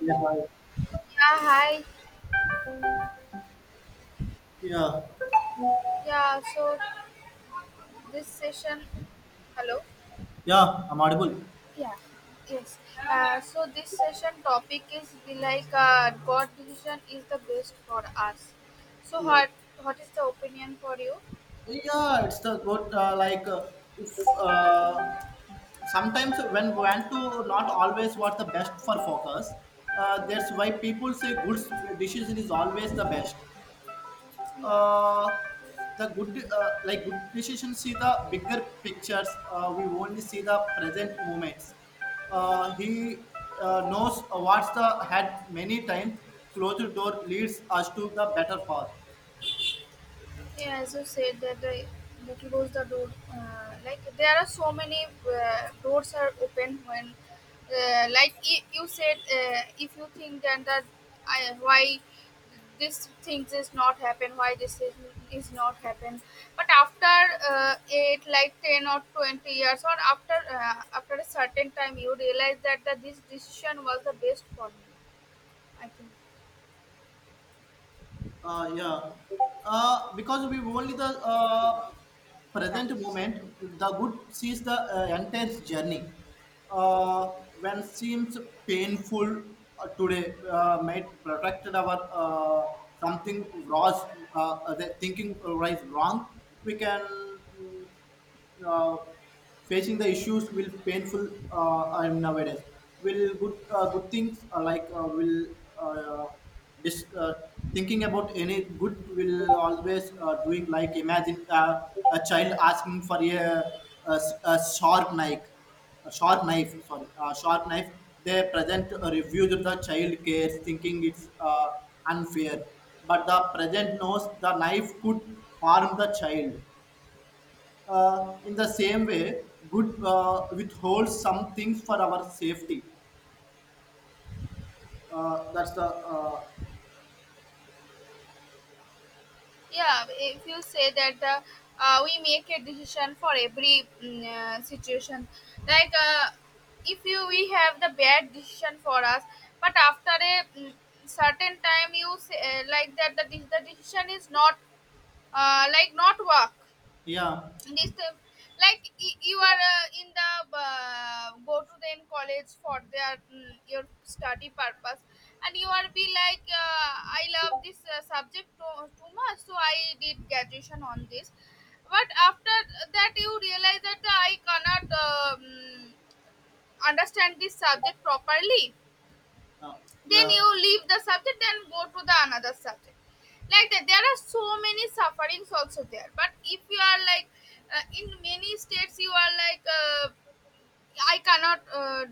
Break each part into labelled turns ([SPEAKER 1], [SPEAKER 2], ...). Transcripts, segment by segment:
[SPEAKER 1] Yeah,
[SPEAKER 2] Yeah, hi.
[SPEAKER 1] yeah,
[SPEAKER 2] Yeah, so this session, hello.
[SPEAKER 1] yeah, I'm audible.
[SPEAKER 2] Yeah, yes. So this session topic is be like God decision is the best for us. So
[SPEAKER 1] Yeah,
[SPEAKER 2] what is the opinion for you?
[SPEAKER 1] yeah. It's the good. If uh, sometimes when want to not always what the best for focus. That's why people say good decision is always the best.
[SPEAKER 2] Yeah.
[SPEAKER 1] uh, the good decisions see the bigger pictures. We only see the present moments he Knows what's the had many times closed door leads us to the better path.
[SPEAKER 2] Yeah, as you said that they close the road. Like there are so many roads are open when, like you said, if you think that I, why this things is not happen, why this is not happen, but after uh, eight, like 10 or 20 years, or after after a certain time, you realize that this decision was the best for me, I think.
[SPEAKER 1] Yeah. Because we only the present moment, the good sees the intense journey. Uh, when seems painful today, might protected our something was the thinking was wrong. We can mm, uh, facing the issues will painful nowadays. Will good things will uh, dis- uh, thinking about any good will always doing like imagine a child asking for a sharp knife, a sharp knife. Sorry, a sharp knife. They present a review to the child cares, thinking it's unfair. But the present knows the knife could harm the child in the same way, good withholds some things for our safety. That's the
[SPEAKER 2] Yeah, if you say that we make a decision for every situation, like if you we have the bad decision for us, but after a certain time you say like that the decision is not like not work
[SPEAKER 1] yeah,
[SPEAKER 2] this like you are in the go to the in college for their your study purpose, and you are be like I love this subject too much, so I did graduation on this, but after that you realize that I cannot understand this subject properly,
[SPEAKER 1] uh,
[SPEAKER 2] then
[SPEAKER 1] yeah,
[SPEAKER 2] you leave the subject and go to the another subject. Like that there are so many sufferings also there, but if you are like in many states you are like I cannot uh,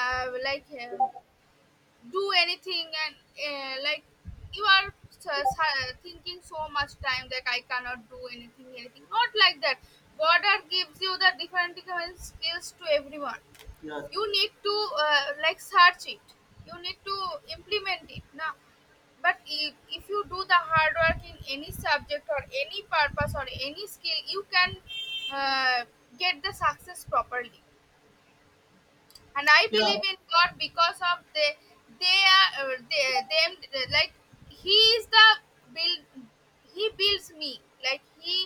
[SPEAKER 2] uh, like do anything, and like you are thinking so much time that I cannot do anything anything, not like that. God are gives you the different different skills to everyone,
[SPEAKER 1] yes,
[SPEAKER 2] you need to like search it, you need to implement it now. But if you do the hard work in any subject or any purpose or any skill, you can uh, get the success properly. And I
[SPEAKER 1] yeah,
[SPEAKER 2] believe in god because of the them like he is the build. He builds me, like he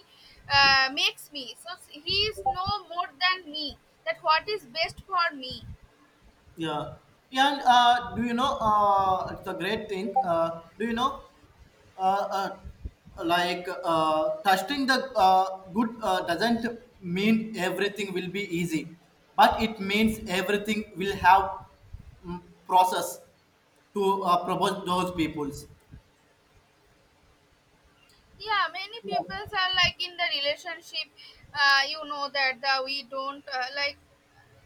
[SPEAKER 2] makes me, so he is no more than me, that what is best for me.
[SPEAKER 1] yeah, yeah. And do you know? It's a great thing. Do you know? Uh, uh, Trusting the good doesn't mean everything will be easy, but it means everything will have process to propose those peoples.
[SPEAKER 2] Yeah, many people are like in the relationship, you know that the we don't like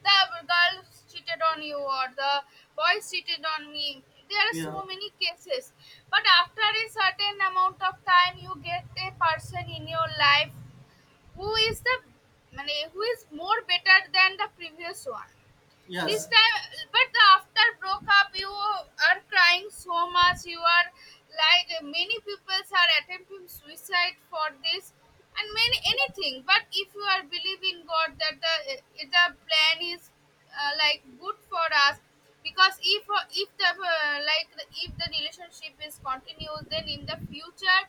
[SPEAKER 2] the girls cheated on you or the boys cheated on me, there are
[SPEAKER 1] Yeah.
[SPEAKER 2] so many cases. But after a certain amount of time you get a person in your life who is the মানে, who is more better than the previous one this
[SPEAKER 1] Yes.
[SPEAKER 2] time. But the after broke up you are crying so much, you are like many people are attempting suicide for this and many anything. But if you are believing god that the plan is like good for us, because if the like the, if the relationship is continuous, then in the future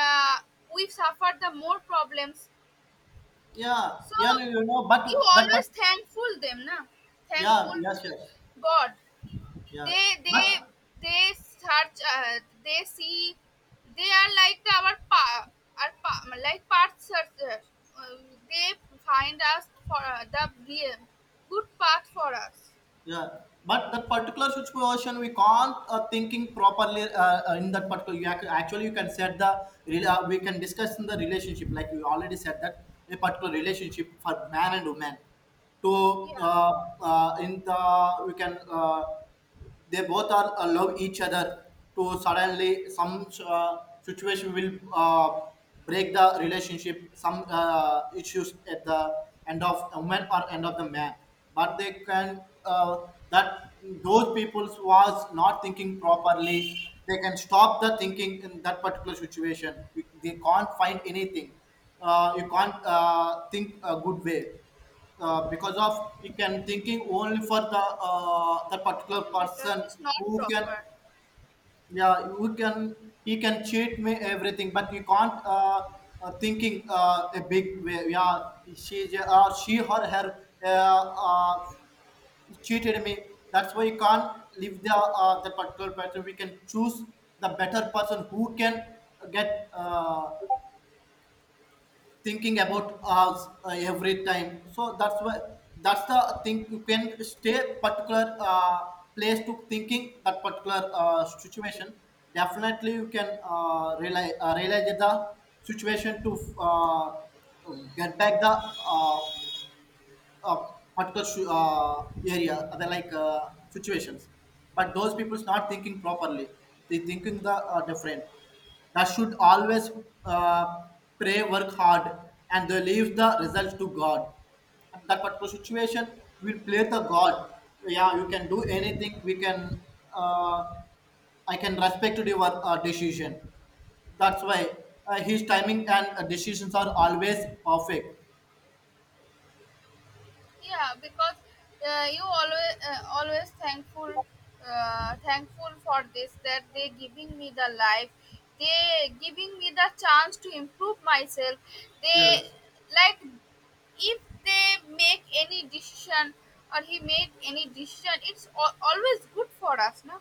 [SPEAKER 2] uh, we suffer the more problems.
[SPEAKER 1] Yeah.
[SPEAKER 2] So
[SPEAKER 1] Yeah. No, you know,
[SPEAKER 2] you
[SPEAKER 1] but that, but
[SPEAKER 2] always thankful them, na?
[SPEAKER 1] yeah.
[SPEAKER 2] Thankful
[SPEAKER 1] Yes.
[SPEAKER 2] to
[SPEAKER 1] Yes.
[SPEAKER 2] God.
[SPEAKER 1] Yeah.
[SPEAKER 2] They they
[SPEAKER 1] But
[SPEAKER 2] they search. They see. They are like the, our pa, like path searcher. Uh, they find us for the real good path for us.
[SPEAKER 1] yeah. That particular situation, we can't thinking properly in that particular. Actually you can set the we can discuss in the relationship like we already said that a particular relationship for man and woman to
[SPEAKER 2] Yeah,
[SPEAKER 1] in the we can they both are love each other to suddenly some situation will break the relationship some issues at the end of a man or end of the man but they can that those people was not thinking properly they can stop the thinking in that particular situation. They can't find anything. You can't think a good way because of you can thinking only for the the particular
[SPEAKER 2] the network
[SPEAKER 1] person
[SPEAKER 2] is not
[SPEAKER 1] who can,
[SPEAKER 2] proper.
[SPEAKER 1] yeah, who can, he can cheat me everything but you can't thinking a big way, yeah, she or her cheated me, that's why you can't leave the the particular person. We can choose the better person who can get thinking about us every time, so that's why that's the thing. You can stay particular place to thinking that particular situation. Definitely you can realize the situation to uh, get back the uh, uh, area, other like situations. But those people's not thinking properly. They thinking the different. That should always uh, pray, work hard, and they leave the result to God. And that particular situation will play the God. Yeah, you can do anything. We can. Uh, I can respect your decision. That's why his timing and decisions are always perfect.
[SPEAKER 2] Yeah, because you always always thankful thankful for this, that they giving me the life, they giving me the chance to improve myself. They
[SPEAKER 1] Yes.
[SPEAKER 2] like if they make any decision or he made any decision, it's always good for us, no?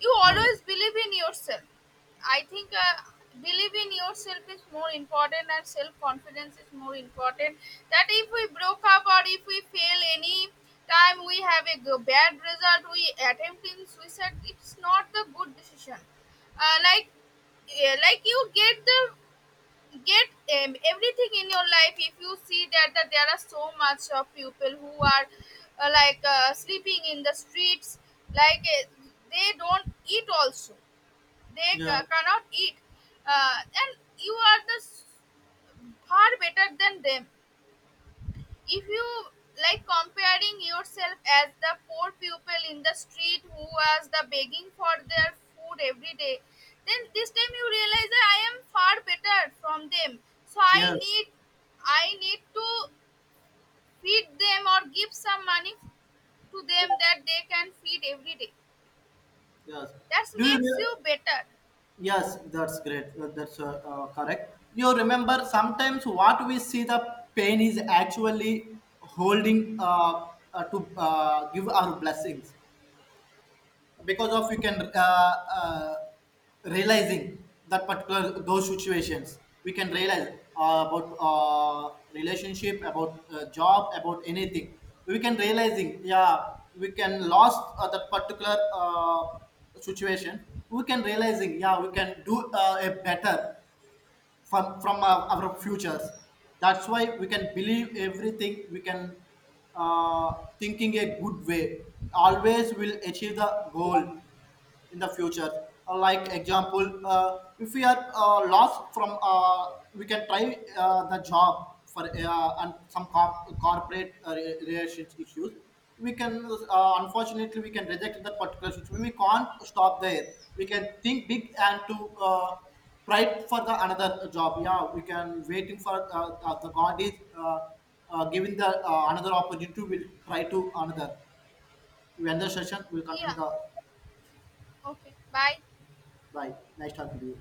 [SPEAKER 2] You
[SPEAKER 1] Nice.
[SPEAKER 2] always believe in yourself. I think believe in yourself is more important and self confidence is more important. That if we broke up or if we fail any time, we have a bad result, we attempt in suicide, it's not the good decision. Uh, like, like you get the get everything in your life. If you see that, that there are so much of people who are like sleeping in the streets, like they don't eat also, they
[SPEAKER 1] Yeah.
[SPEAKER 2] cannot eat, and you are far better than them. If you like comparing yourself as the poor pupil in the street who was the begging for their food every day, then this time you realize that I am far better from them. So I
[SPEAKER 1] Yes,
[SPEAKER 2] need, I need to feed them or give some money to them, that they can feed every day.
[SPEAKER 1] yes.
[SPEAKER 2] That
[SPEAKER 1] Do you?
[SPEAKER 2] makes you better.
[SPEAKER 1] Yes, that's great. That's correct. You remember sometimes what we see the pain is actually holding to give our blessings. Because of you can realizing that particular those situations we can realize about relationship about job about anything we can realizing, yeah, we can lost that particular situation, we can realizing, yeah, we can do a better from our futures. That's why we can believe everything. We can uh, thinking a good way always will achieve the goal in the future. Like example, if we are lost from, we can try the job for and some corporate relations issues. We can unfortunately we can reject that particular situation. We can't stop there. We can think big and to try for the another job. Yeah, we can waiting for the God is. Giving the another opportunity, we'll try to another. We end the session. We'll continue
[SPEAKER 2] Yeah,
[SPEAKER 1] the
[SPEAKER 2] okay, bye.
[SPEAKER 1] bye. Nice talking to you.